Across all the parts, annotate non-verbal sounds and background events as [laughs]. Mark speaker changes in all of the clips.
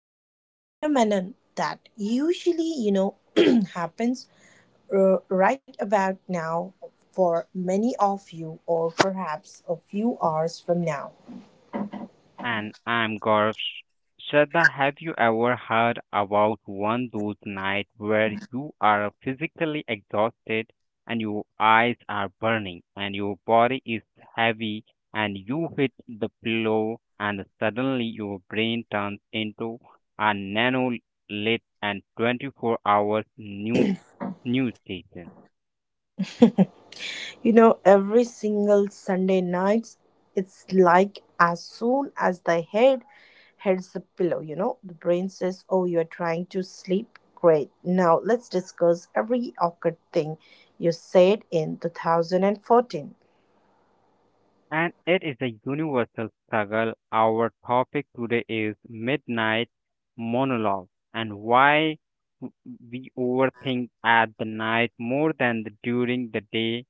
Speaker 1: a phenomenon that usually, [clears throat] happens right about now for many of you, or perhaps a few hours from now.
Speaker 2: And I'm Gaurav. Shraddha, have you ever heard about one those nights where you are physically exhausted and your eyes are burning and your body is heavy and you hit the pillow and suddenly your brain turns into a nano lit and 24 hours new news station?
Speaker 1: [laughs] You know, every single Sunday nights, it's like as soon as the head hits the pillow, you know, the brain says, "Oh, you're trying to sleep? Great. Now let's discuss every awkward thing you said in 2014."
Speaker 2: And it is a universal struggle. Our topic today is midnight monologue and why w- we overthink at the night more than the, during the day.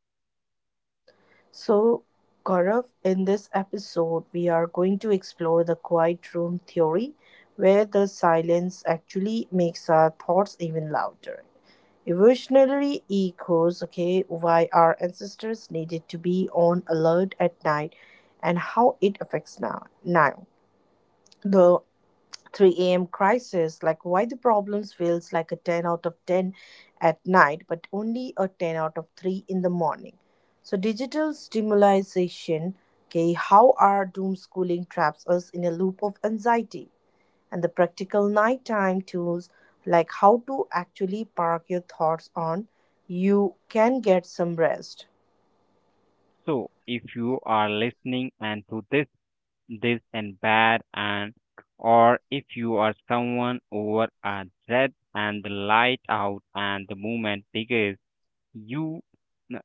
Speaker 1: So, Gaurav, in this episode, we are going to explore the quiet room theory, where the silence actually makes our thoughts even louder. Evolutionary echoes, okay, why our ancestors needed to be on alert at night and how it affects now the 3 a.m crisis, like why the problems feels like a 10 out of 10 at night but only a 10 out of 3 in the morning. So digital stimulation, okay, how our doom schooling traps us in a loop of anxiety, and the practical nighttime tools, like how to actually park your thoughts on you can get some rest.
Speaker 2: So, if you are listening and to this, this and bad, and or if you are someone over a dread and the light out and the moment begins, you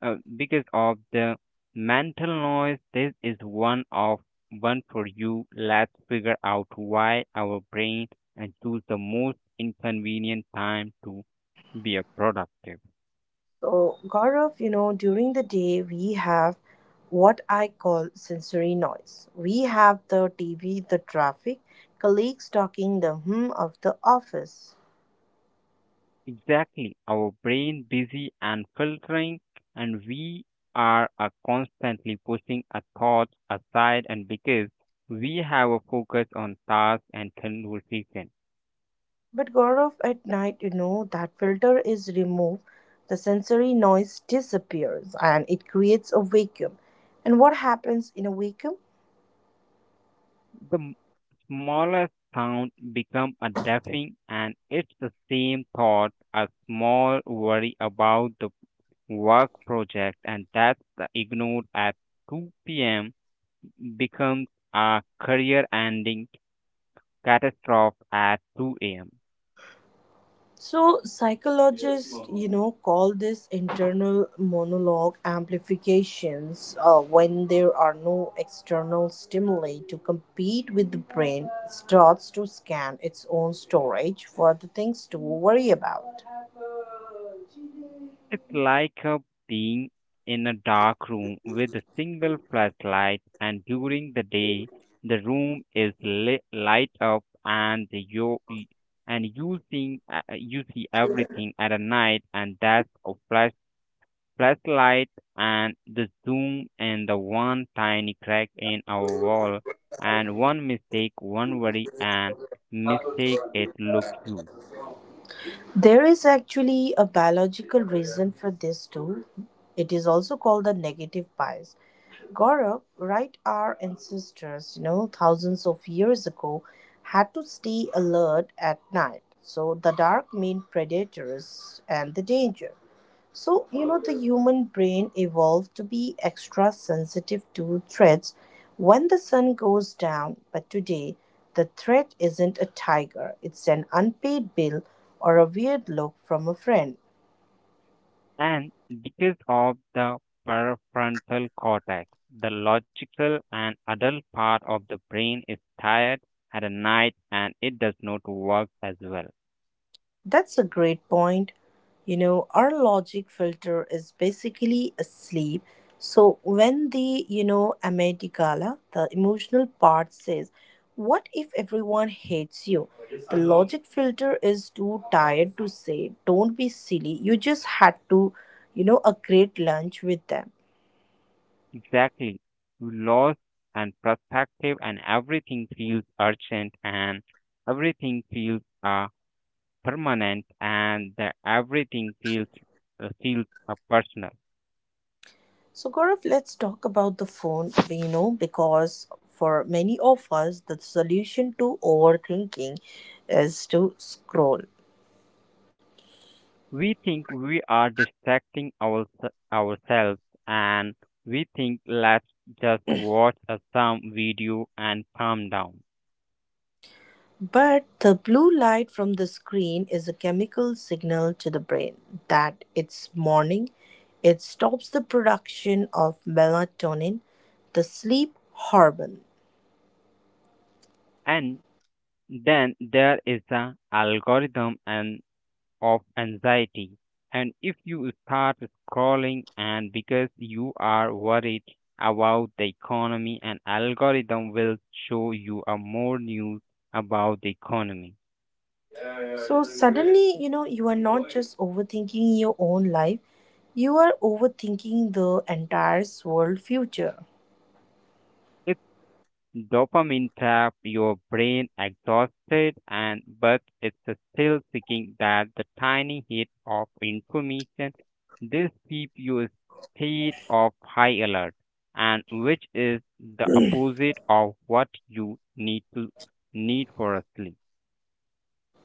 Speaker 2: because of the mental noise this is one for you. Let's figure out why our brain and choose the most inconvenient time to be a productive
Speaker 1: So, Gaurav, you know, during the day we have what I call sensory noise. We have the TV, the traffic, colleagues talking, the hum of the office.
Speaker 2: exactly our brain busy and filtering and we are constantly pushing our thoughts aside and because we have a focus on task and conversation.
Speaker 1: But Gaurav, at night, you know, that filter is removed, the sensory noise disappears and it creates a vacuum. And what happens in a vacuum?
Speaker 2: The smallest sound become a deafening and it's the same thought, a small worry about the work project and that's the ignored at 2 p.m. becomes a career ending catastrophe at 2 a.m.
Speaker 1: So psychologists, you know, call this internal monologue amplifications when there are no external stimuli to compete with, the brain starts to scan its own storage for the things to worry about.
Speaker 2: It's like a being in a dark room with a single flashlight, and during the day, the room is light up, and you think you see everything at a night, and that's a flashlight and the zoom and the one tiny crack in our wall, and one mistake, one worry, and mistake it looks huge.
Speaker 1: There is actually a biological reason for this too. It is also called the negative bias. Gaurav, right, our ancestors, you know, thousands of years ago, had to stay alert at night. So the dark mean predators and the danger. So, you know, the human brain evolved to be extra sensitive to threats when the sun goes down. But today, the threat isn't a tiger, it's an unpaid bill or a weird look from a friend.
Speaker 2: And because of the prefrontal cortex, the logical and adult part of the brain is tired at a night and it does not work as well.
Speaker 1: That's a great point. You know, our logic filter is basically asleep. So when the, you know, Amitigala, the emotional part says, what if everyone hates you? The logic filter is too tired to say, don't be silly. You just had to, you know, a great lunch with them.
Speaker 2: Exactly. You lost and perspective and everything feels urgent and everything feels permanent and the everything feels personal.
Speaker 1: So Gaurav, let's talk about the phone, you know, because for many of us, the solution to overthinking is to scroll.
Speaker 2: We think we are distracting ourselves and we think let's just watch a some video and calm down
Speaker 1: But the blue light from the screen is a chemical signal to the brain that it's morning. It stops the production of melatonin, the sleep hormone.
Speaker 2: and then there is the algorithm and of anxiety and if you start scrolling and because you are worried about the economy an algorithm will show you a more news about the economy.
Speaker 1: So suddenly, you know, you are not just overthinking your own life, you are overthinking the entire world future.
Speaker 2: It's Dopamine trap your brain exhausted and but it's still seeking that the tiny hit of information. This keeps you state of high alert and which is the opposite of what you need to need for a sleep.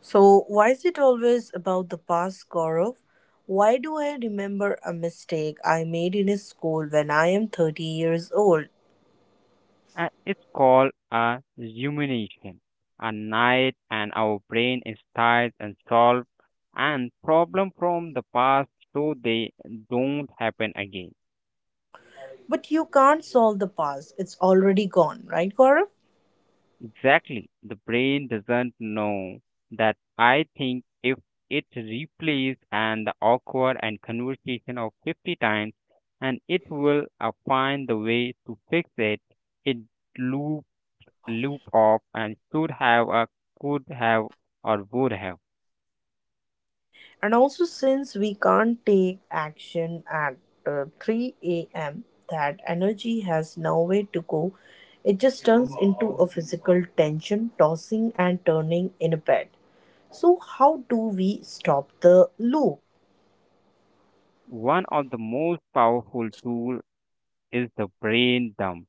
Speaker 1: So, why is it always about the past, Gaurav? Why do I remember a mistake I made in a school when I am 30 years old?
Speaker 2: And it's called a rumination. A night and our brain is tired and solve and problem from the past so they don't happen again.
Speaker 1: But you can't solve the past. It's already gone, right, Gaurav?
Speaker 2: Exactly. The brain doesn't know that I think if it replays and the awkward and conversation of 50 times and it will find the way to fix it, it loop loop off and should have a could have or would have.
Speaker 1: And also, since we can't take action at 3 a.m., that energy has nowhere to go. It just turns into a physical tension, tossing and turning in a bed. So, how do we stop the loop?
Speaker 2: One of the most powerful tool is the brain dump.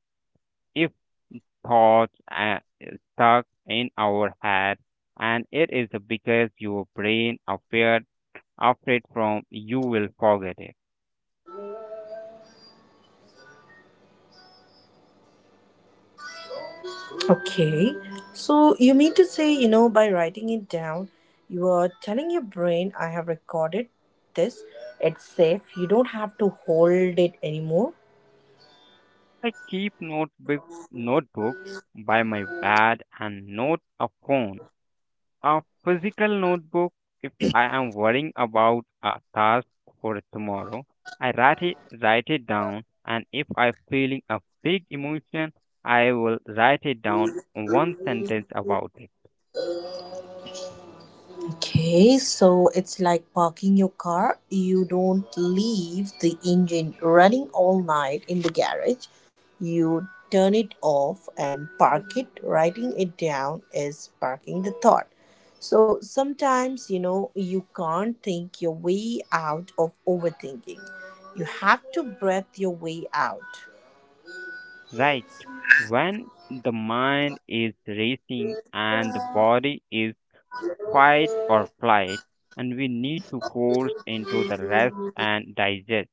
Speaker 2: If thoughts stuck in our head, and it is because your brain afraid from you will forget it.
Speaker 1: Okay, so you mean to say, you know, by writing it down, you are telling your brain, I have recorded this, it's safe, you don't have to hold it anymore?
Speaker 2: I keep notebook by my bed and note a phone. A physical notebook if I am worrying about a task for tomorrow, I write it down and if I feeling a big emotion, I will write it down one sentence about it.
Speaker 1: Okay, so it's like parking your car. You don't leave the engine running all night in the garage. You turn it off and park it. Writing it down is parking the thought. So sometimes, you know, you can't think your way out of overthinking. You have to breath your way out.
Speaker 2: Right. When the mind is racing and the body is fight or flight, and we need to force into the rest and digest.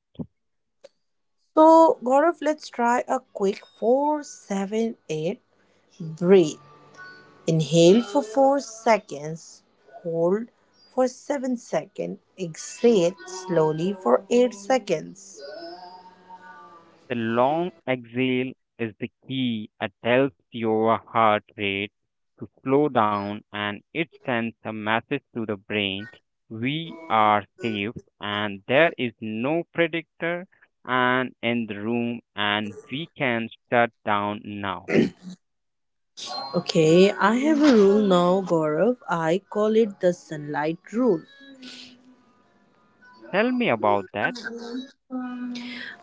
Speaker 1: So, Gaurav, let's try a quick 4-7-8 breathe. Inhale for 4 seconds, hold for 7 seconds, exhale slowly for 8 seconds.
Speaker 2: The long exhale is the key. It tells your heart rate to slow down and it sends a message to the brain we are safe and there is no predator and in the room and we can shut down now.
Speaker 1: Okay, I have a rule now, Gaurav. I call it the sunlight rule.
Speaker 2: Tell me about that.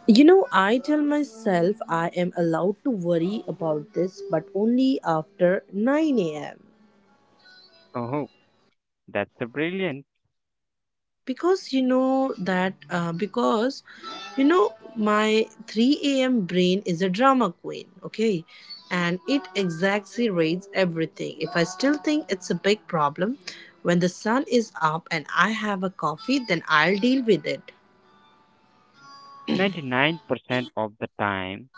Speaker 1: You know, I tell myself I am allowed to worry about this, but only after 9 am.
Speaker 2: Oh, that's a brilliant.
Speaker 1: Because you know that because you know my 3 a.m brain is a drama queen, okay, and it exaggerates everything. If I still think it's a big problem when the sun is up and I have a coffee, then I'll deal with it.
Speaker 2: 99% of the time,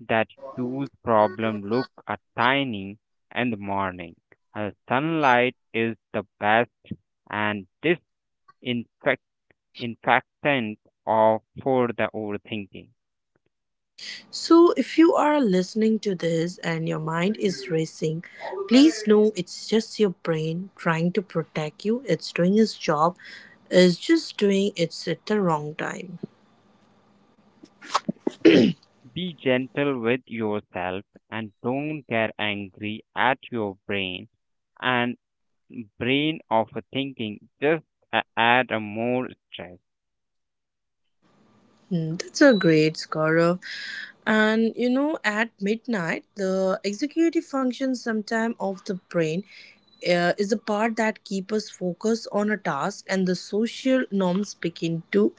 Speaker 2: that huge problem look a tiny in the morning. Sunlight is the best and disinfect- infectant of for the overthinking.
Speaker 1: So if you are listening to this and your mind is racing, please know it's just your brain trying to protect you. It's doing its job, it's just doing it at the wrong time.
Speaker 2: Be gentle with yourself and don't get angry at your brain and brain of thinking. Just add a more stress.
Speaker 1: Mm, that's a great, Gaurav. And you know, at midnight, the executive function sometime of the brain is the part that keeps us focused on a task, and the social norms begin to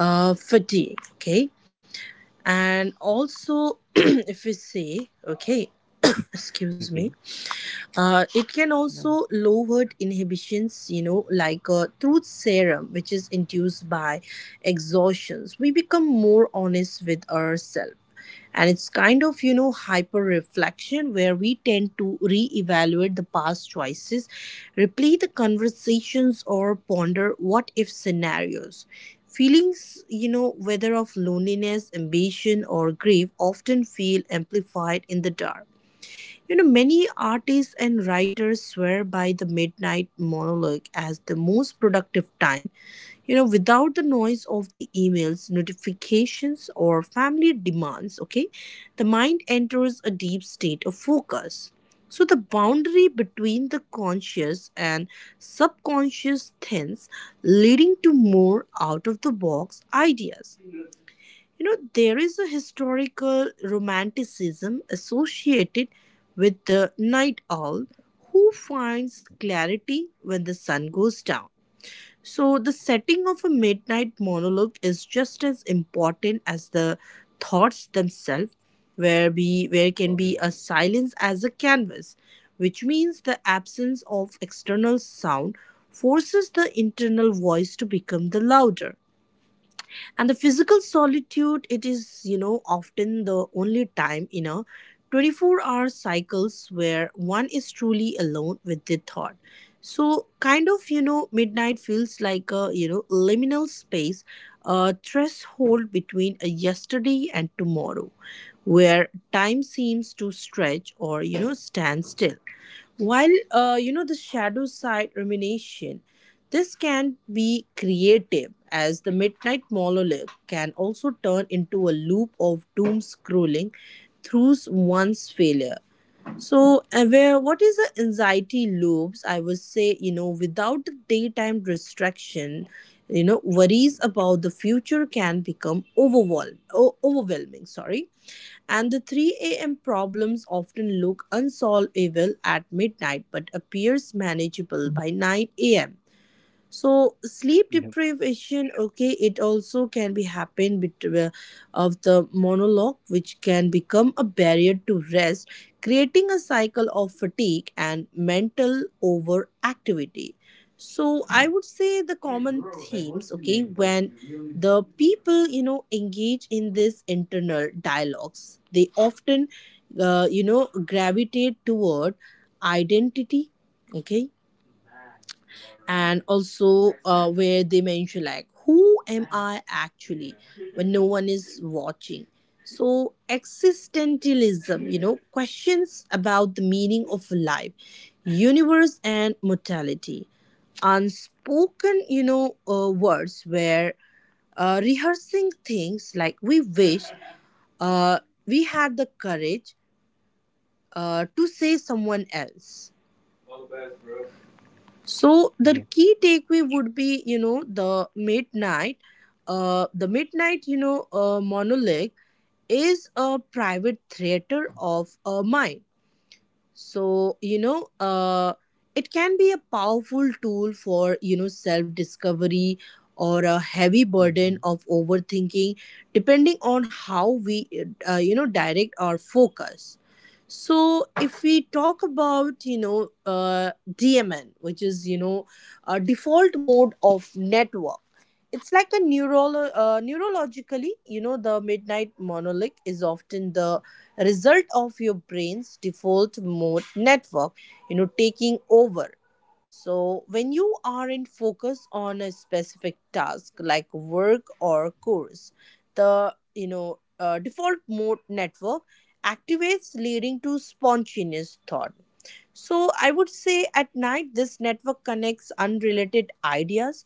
Speaker 1: fatigue. Okay, and also [clears throat] if we say okay, [coughs] excuse me,
Speaker 2: Okay.
Speaker 1: it can also lower inhibitions, you know, like truth serum, which is induced by exhaustions. We become more honest with ourselves. And it's kind of, you know, hyper reflection where we tend to reevaluate the past choices, replay the conversations, or ponder what if scenarios. Feelings, you know, whether of loneliness, ambition, or grief, often feel amplified in the dark. You know, many artists and writers swear by the midnight monologue as the most productive time. You know, without the noise of the emails, notifications, or family demands, okay, the mind enters a deep state of focus. So, the boundary between the conscious and subconscious thins, leading to more out of the box ideas. You know, there is a historical romanticism associated with the night owl who finds clarity when the sun goes down. So, the setting of a midnight monologue is just as important as the thoughts themselves, where, where can be a silence as a canvas, which means the absence of external sound forces the internal voice to become the louder, and the physical solitude, it is, you know, often the only time in a 24-hour cycles where one is truly alone with the thought. So kind of, you know, midnight feels like a, you know, liminal space, a threshold between a yesterday and tomorrow, where time seems to stretch or, you know, stand still. While you know, the shadow side rumination, this can be creative, as the midnight monolith can also turn into a loop of doom scrolling through one's failure. So, where what is the anxiety loops? I would say, you know, without the daytime distraction, you know, worries about the future can become overwhelmed, overwhelming. Sorry, and the 3 a.m. problems often look unsolvable at midnight but appears manageable by 9 a.m. So sleep
Speaker 2: Yep,
Speaker 1: deprivation, okay, it also can be happen between of the monologue, which can become a barrier to rest, creating a cycle of fatigue and mental overactivity. So I would say the common themes, okay, when the people, you know, engage in this internal dialogues, they often you know, gravitate toward identity, okay, and also where they mention like, who am I actually when no one is watching? So existentialism, you know, questions about the meaning of life, universe and mortality. Unspoken, you know, words where rehearsing things like we wish uh, we had the courage to say someone else. So the
Speaker 2: yep,
Speaker 1: key takeaway would be, you know, the midnight, monolith is a private theater of a mind. So you know, it can be a powerful tool for, you know, self discovery or a heavy
Speaker 2: mhm, yeah,
Speaker 1: burden
Speaker 2: hmm.
Speaker 1: of overthinking, depending on how we you know, direct our focus. So if we talk about, you know, dmn, which is, you know, a default mode of network, it's like a neurologically, you know, the midnight monolith is often the result of your brain's default mode network, you know, taking over. So when you aren't focused on a specific task like work or course, the, you know, default mode network activates, leading to spontaneous thought. So I would say at night this network connects unrelated ideas,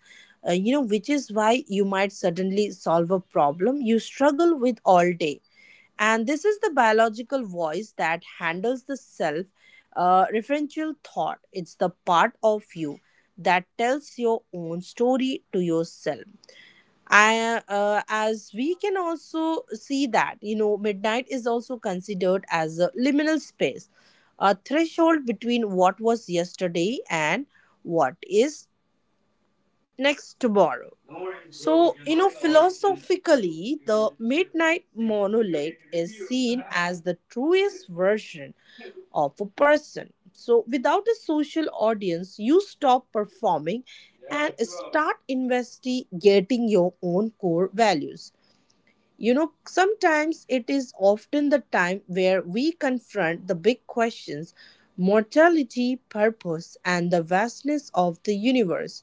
Speaker 1: you know, which is why you might suddenly solve a problem you struggle with all day. And this is the biological voice that handles the self referential thought. It's the part of you that tells your own story to yourself. As we can also see that, you know, midnight is also considered as a liminal space, a threshold between what was yesterday and what is next tomorrow. So, you know, philosophically, the midnight monolith is seen as the truest version of a person. So, without a social audience, you stop performing and start investigating your own core values. You know, sometimes it is often the time where we confront the big questions: mortality, purpose, and the vastness of the universe,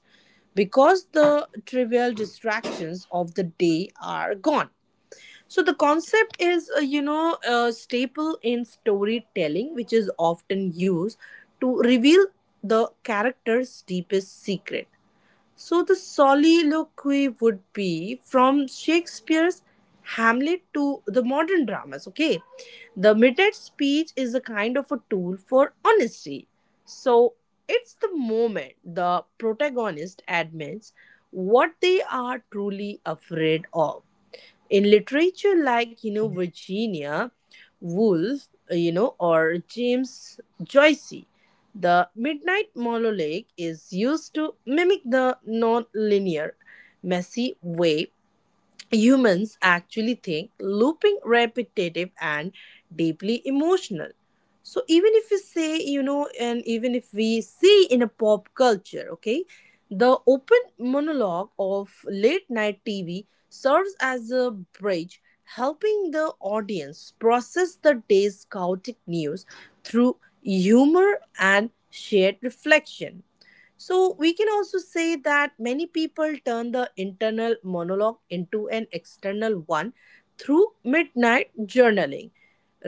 Speaker 1: because the trivial distractions of the day are gone. So the concept is, you know, a staple in storytelling, which is often used to reveal the character's deepest secret. So the soliloquy would be from Shakespeare's Hamlet to the modern dramas, okay? The midnight speech is a kind of a tool for honesty. So it's the moment the protagonist admits what they are truly afraid of in literature, like Virginia Woolf, or James Joyce. The midnight monologue is used to mimic the non-linear, messy way humans actually think: looping, repetitive, and deeply emotional. So, even if we say, you know, and even if we see in a pop culture, okay, the open monologue of late night TV serves as a bridge, helping the audience process the day's chaotic news through humor and shared reflection. So, we can also say that many people turn the internal monologue into an external one through midnight journaling.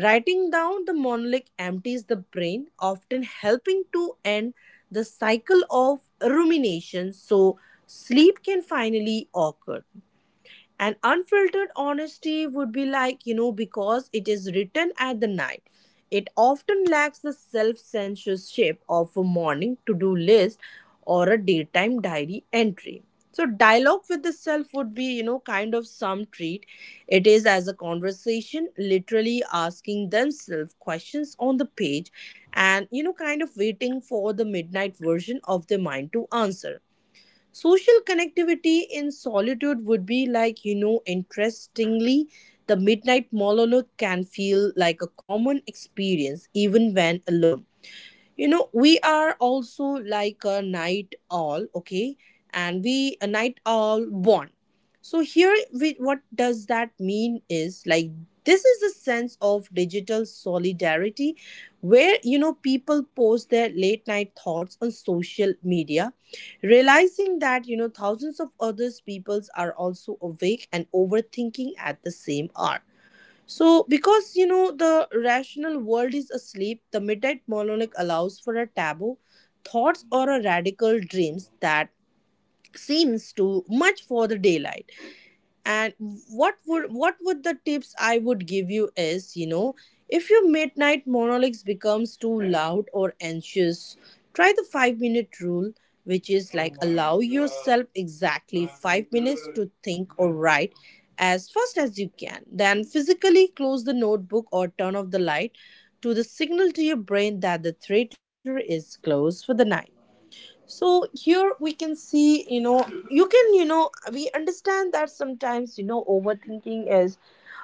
Speaker 1: Writing down the monologue empties the brain, often helping to end the cycle of rumination so sleep can finally occur. And unfiltered honesty would be like, you know, because it is written at the night, it often lacks the self censorship of a morning to do list or a daytime diary entry. So dialogue with the self would be, you know, kind of some treat. It is as a conversation, literally asking themselves questions on the page and, you know, kind of waiting for the midnight version of their mind to answer. Social connectivity in solitude would be like, you know, interestingly, the midnight monologue can feel like a common experience even when alone. You know, we are also like a night owl, okay, and we a night owl born. So here we, what does that mean is like, this is a sense of digital solidarity where, you know, people post their late night thoughts on social media, realizing that, you know, thousands of others peoples are also awake and overthinking at the same hour. So, because you know the rational world is asleep, the midnight monologue allows for a taboo thoughts or a radical dreams that seems too much for the daylight. And what would the tips I would give you is, you know, if your midnight monologues becomes too loud or anxious, try the 5-minute minute rule, which is like allow yourself exactly 5 minutes to think or write as fast as you can, then physically close the notebook or turn off the light to the signal to your brain that the theater is closed for the night. So here we can see, you know, you can, you know, we understand that sometimes, you know, overthinking is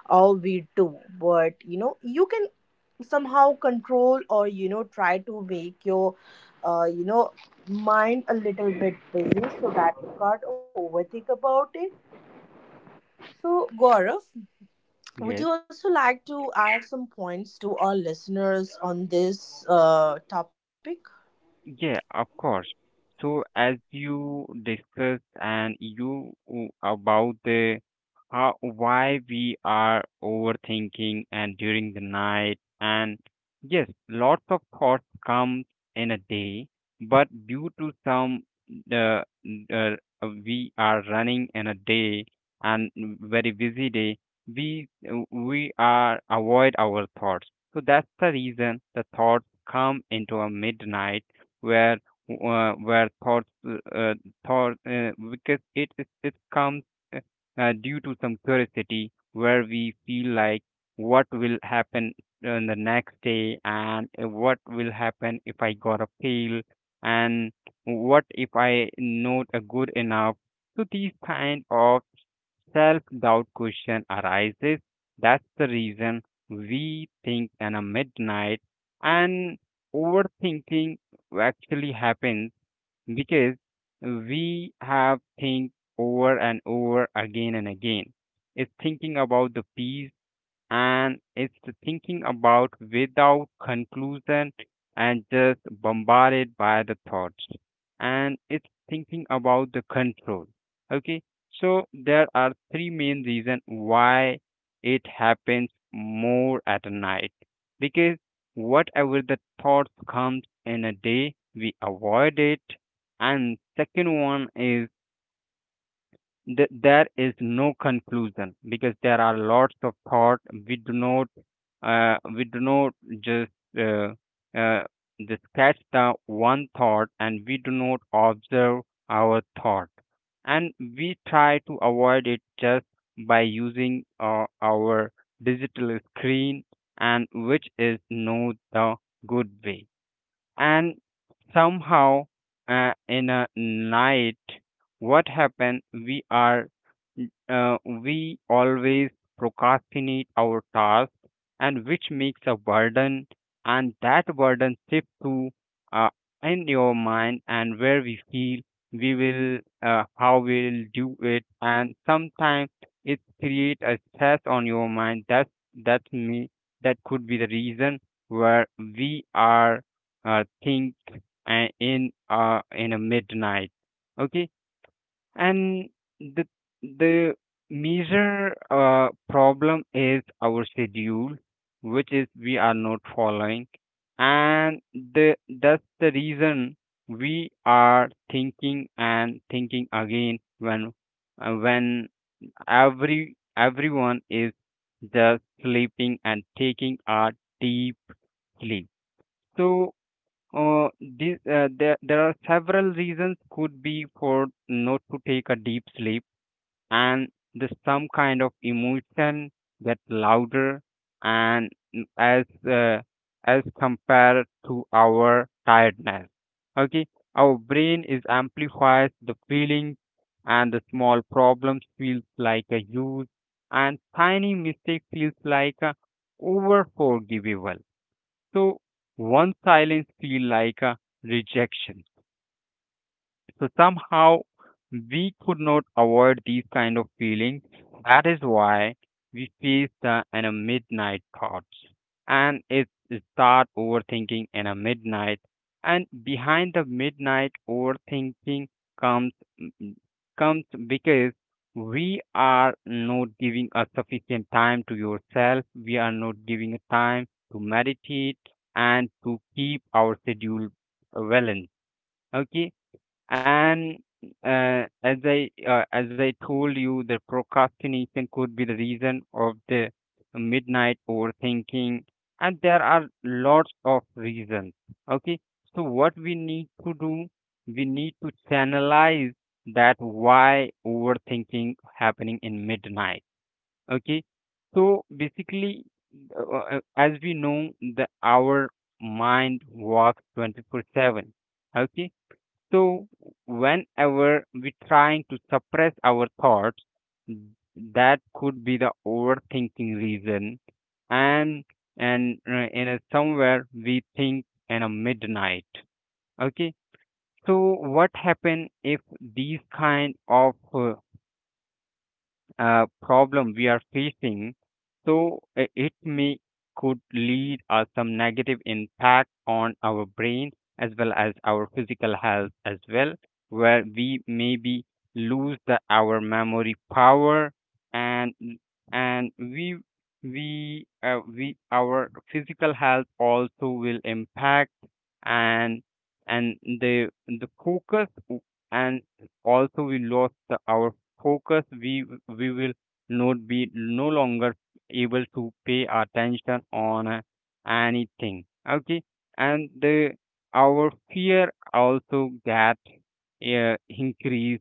Speaker 1: all we do, but you know, you can somehow control or, you know, try to make your, uh, you know, mind a little bit busy so that you can't overthink about it. So Gaurav, would you
Speaker 2: Yes.
Speaker 1: also like to add some points to our listeners on this topic?
Speaker 2: Yeah, of course. So as you discussed and you about the how why we are overthinking and during the night and yes, lots of thoughts come in a day, but due to some uh, uh, we are running in a day and very busy day, we are avoid our thoughts. So that's the reason the thoughts come into a midnight where where thoughts uh, thought because it comes uh, due to some curiosity where we feel like what will happen on the next day and what will happen if I got a fail and what if I not a good enough. So these kind of self-doubt question arises. That's the reason we think in a midnight and overthinking actually happens because we have think over and over again and again. It's thinking about the peace and it's thinking about without conclusion and just bombarded by the thoughts and it's thinking about the control. Okay, so there are three main reasons why it happens more at night because whatever the thoughts comes in a day we avoid it, and second one is there is no conclusion because there are lots of thought we do not uh, we do not just uh, uh, just catch the one thought and we do not observe our thought and we try to avoid it just by using our digital screen and which is not the good way and somehow in a night what happened we are we always procrastinate our task and which makes a burden and that burden shifts to uh, in your mind and where we feel we will how we'll do it and sometimes it create a stress on your mind that's me that could be the reason where we are think in a midnight. Okay, and the the major problem is our schedule which is we are not following and the that's the reason we are thinking and thinking again when uh, when everyone is just sleeping and taking a deep sleep. So there are several reasons could be for not to take a deep sleep and the some kind of emotion get louder and as compared to our tiredness. Okay, our brain is amplifies the feeling and the small problems feels like a huge and tiny mistake feels like a over forgivable so one silence feel like a rejection. So somehow we could not avoid these kind of feelings. That is why we face the in a midnight thoughts and it start overthinking in a midnight. And behind the midnight overthinking comes mm, comes because we are not giving a sufficient time to yourself. We are not giving a time to meditate and to keep our schedule balanced. Okay, and as I told you, the procrastination could be the reason of the midnight overthinking, and there are lots of reasons. Okay, so what we need to do, we need to channelize that why overthinking happening in midnight. Okay, so basically, as we know, the our mind works 24/7. Okay so, whenever we trying to suppress our thoughts, that could be the overthinking reason. And in a somewhere we think in a midnight. Okay. So, what happen if these kind of problem we are facing, so it may could lead us some negative impact on our brain as well as our physical health as well, where we maybe lose our memory power and and we our physical health also will impact and and the focus and also we lost our focus, we will not be no longer able to pay attention on anything. Okay, and the our fear also get increase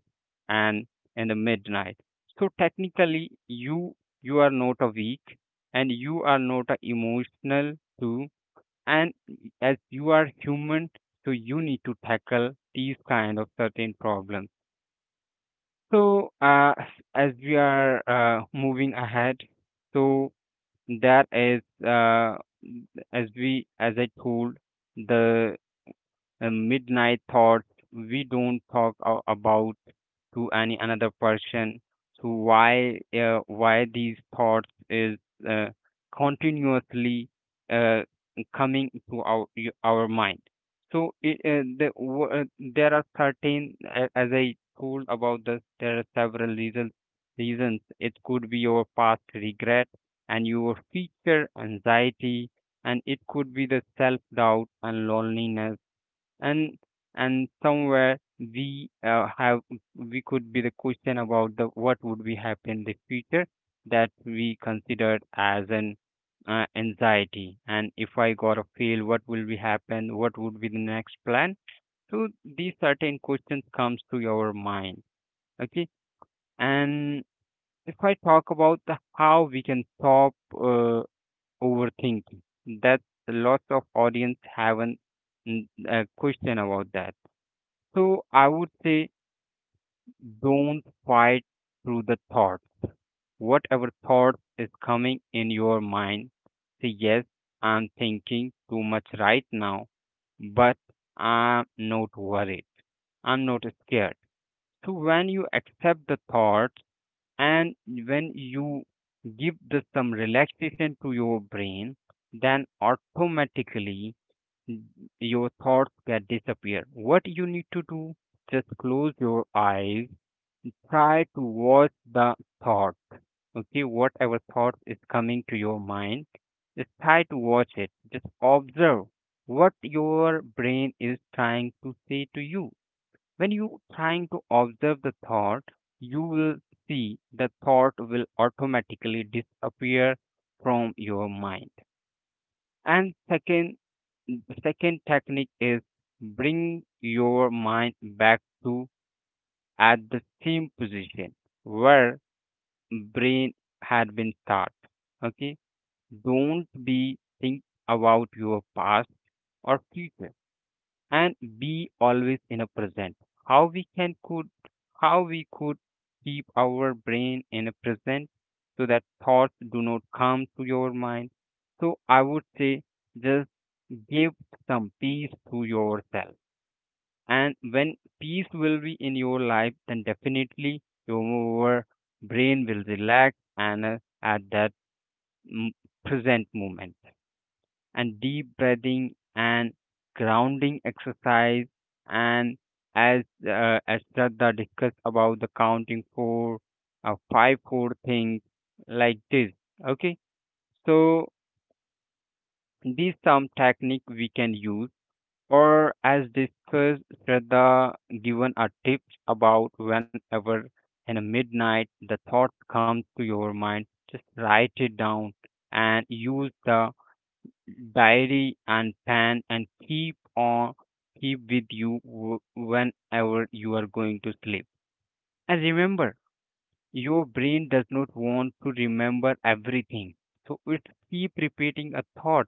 Speaker 2: and in the midnight. So technically, you are not a weak and you are not a emotional too. And as you are human, so you need to tackle these kind of certain problems so, as we are moving ahead, so that is as we as I told the midnight thoughts. We don't talk about to any another person, so why these thoughts is uh, continuously uh, coming to our mind. So there are certain as I told about this, there are several reasons. It could be your past regret and your future anxiety, and it could be the self doubt and loneliness. and and somewhere we have, we could be the question about the what would be happen in the future, that we considered as an anxiety. And if I got a fail, what will be happen, what would be the next plan? So these certain questions comes to your mind. Okay. And if I talk about the how we can stop uh, overthinking, that lots of audience haven't mm, question about that. So I would say, don't fight through the thought. Whatever thought is coming in your mind, say yes, I'm thinking too much right now, but I'm not worried. I'm not scared. So when you accept the thoughts and when you give the, some relaxation to your brain, then automatically your thoughts get disappear. What you need to do, just close your eyes, try to watch the thought. Okay, whatever thought is coming to your mind, just try to watch it. Just observe what your brain is trying to say to you. When you trying to observe the thought, you will see the thought will automatically disappear from your mind. And second technique is bring your mind back to at the same position where brain had been start. Okay, don't be think about your past or future, and be always in a present. How we can could how we could keep our brain in a present, so that thoughts do not come to your mind. So I would say, just give some peace to yourself, and when peace will be in your life, then definitely your brain will relax and at that m- present moment. And deep breathing and grounding exercise, and as as Shraddha discussed about the counting four, five, four things like this. Okay, so these some technique we can use, or as discussed, Shraddha given a tips about whenever in a midnight the thought comes to your mind, just write it down and use the diary and pen, and keep on keep with you whenever you are going to sleep. And remember, your brain does not want to remember everything, so it keep repeating a thought.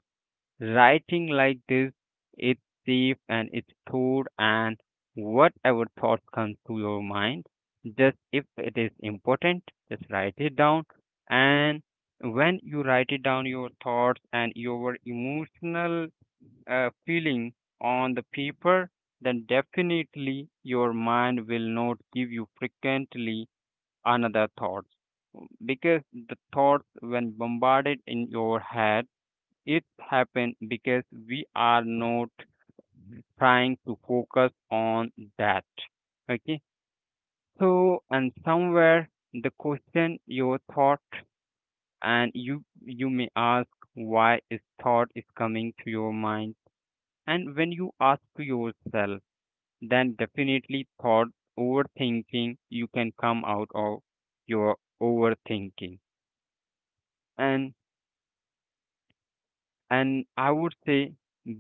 Speaker 2: Writing like this, it's safe and it's crude, and whatever thought comes to your mind, just if it is important, just write it down. And when you write it down, your thoughts and your emotional feeling on the paper, then definitely your mind will not give you frequently another thoughts, because the thoughts when bombarded in your head, it happened because we are not trying to focus on that. Okay. So, and somewhere the question your thought, and you may ask why is thought is coming to your mind, and when you ask to yourself, then definitely thought overthinking you can come out of your overthinking. And I would say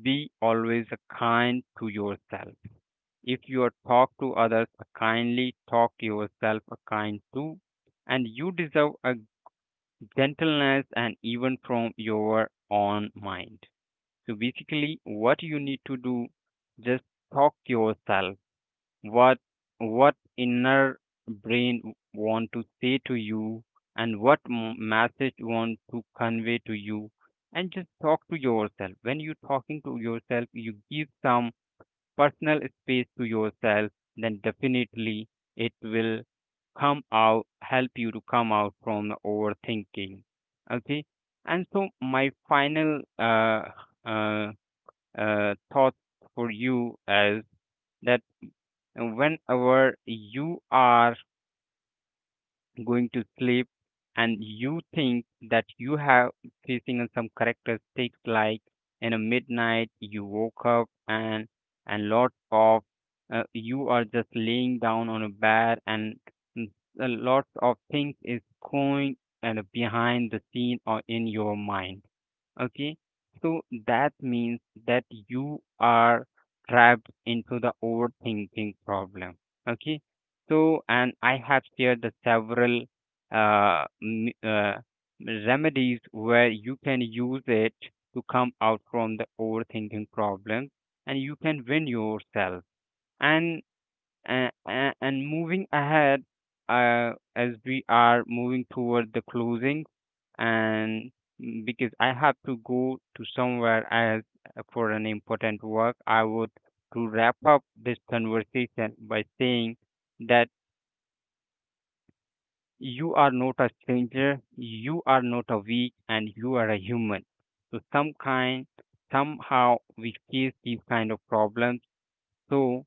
Speaker 2: be always kind to yourself. If you talk to others kindly, talk yourself kind too. And you deserve a gentleness and even from your own mind. So basically, what you need to do, just talk yourself. What what inner brain want to say to you, and what message want to convey to you, and just talk to yourself. When you talking to yourself, you give some personal space to yourself, then definitely it will come out, help you to come out from the overthinking. Okay. And so my final uh, thought for you is that whenever you are going to sleep and you think that you have facing on some characteristics, like in a midnight you woke up and lot of you are just laying down on a bed, and mm, a lot of things is going and behind the scene or in your mind. Okay, so that means that you are trapped into the overthinking problem. Okay, so and I have shared the several uh, m- uh, remedies where you can use it to come out from the overthinking problem, and you can win yourself. And and, moving ahead, as we are moving toward the closing. And because I have to go to somewhere as for an important work, I would to wrap up this conversation by saying that you are not a stranger, you are not a weak, and you are a human. So some kind, somehow we face these kind of problems. So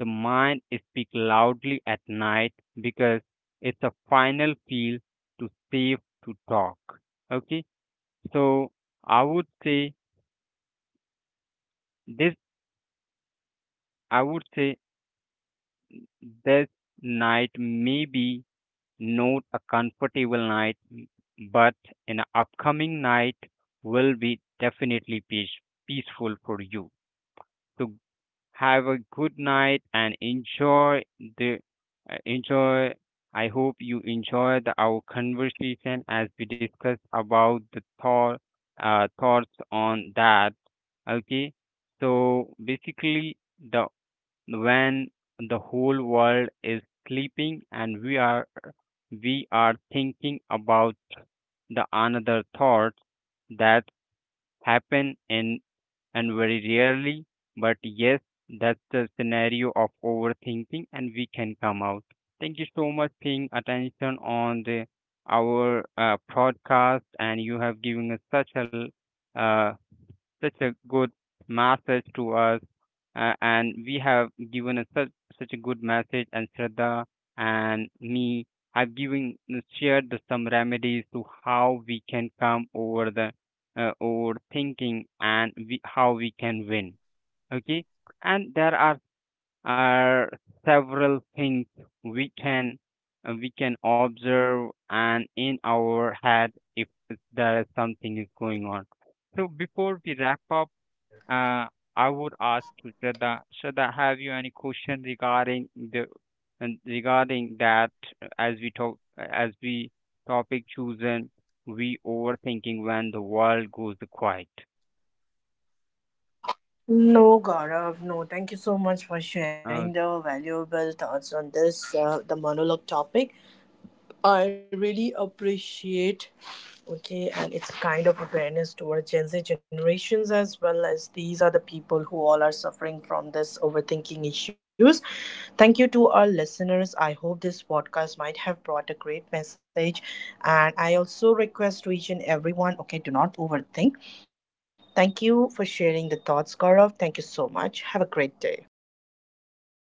Speaker 2: the mind speaks loudly at night, because it's a final feel to safe to talk. Okay, so I would say this. I would say this night may be not a comfortable night, but an upcoming night will be definitely peaceful for you. So have a good night and enjoy the enjoy. I hope you enjoyed our conversation as we discuss about the thoughts on that. Okay, so basically the when the whole world is sleeping, and we are thinking about the another thoughts that happen in and very rarely. But yes, that's the scenario of overthinking, and we can come out. Thank you so much paying attention on the our podcast, and you have given us uh, such a good message to us, and we have given us such such a good message. And Shraddha and me have given shared the, some remedies to how we can come over the overthinking, and we, how we can win. Okay, and there are several things we can we can observe and in our head if there is something is going on. So before we wrap up, uh, I would ask to Shraddha, Shraddha, have you any question regarding the and regarding that, as we talk as we topic chosen, we overthinking when the world goes quiet.
Speaker 1: No, Gaurav, no. Thank you so much for sharing
Speaker 2: Uh,
Speaker 1: the valuable thoughts on this, the monologue topic. I really appreciate, okay, and it's kind of awareness towards Gen Z generations, as well as these are the people who all are suffering from this overthinking issues. Thank you to our listeners. I hope this podcast might have brought a great message, and I also request to each and everyone, okay, do not overthink. Thank you for sharing the thoughts, Gaurav. Thank you so much. Have a great day.
Speaker 2: Thank you so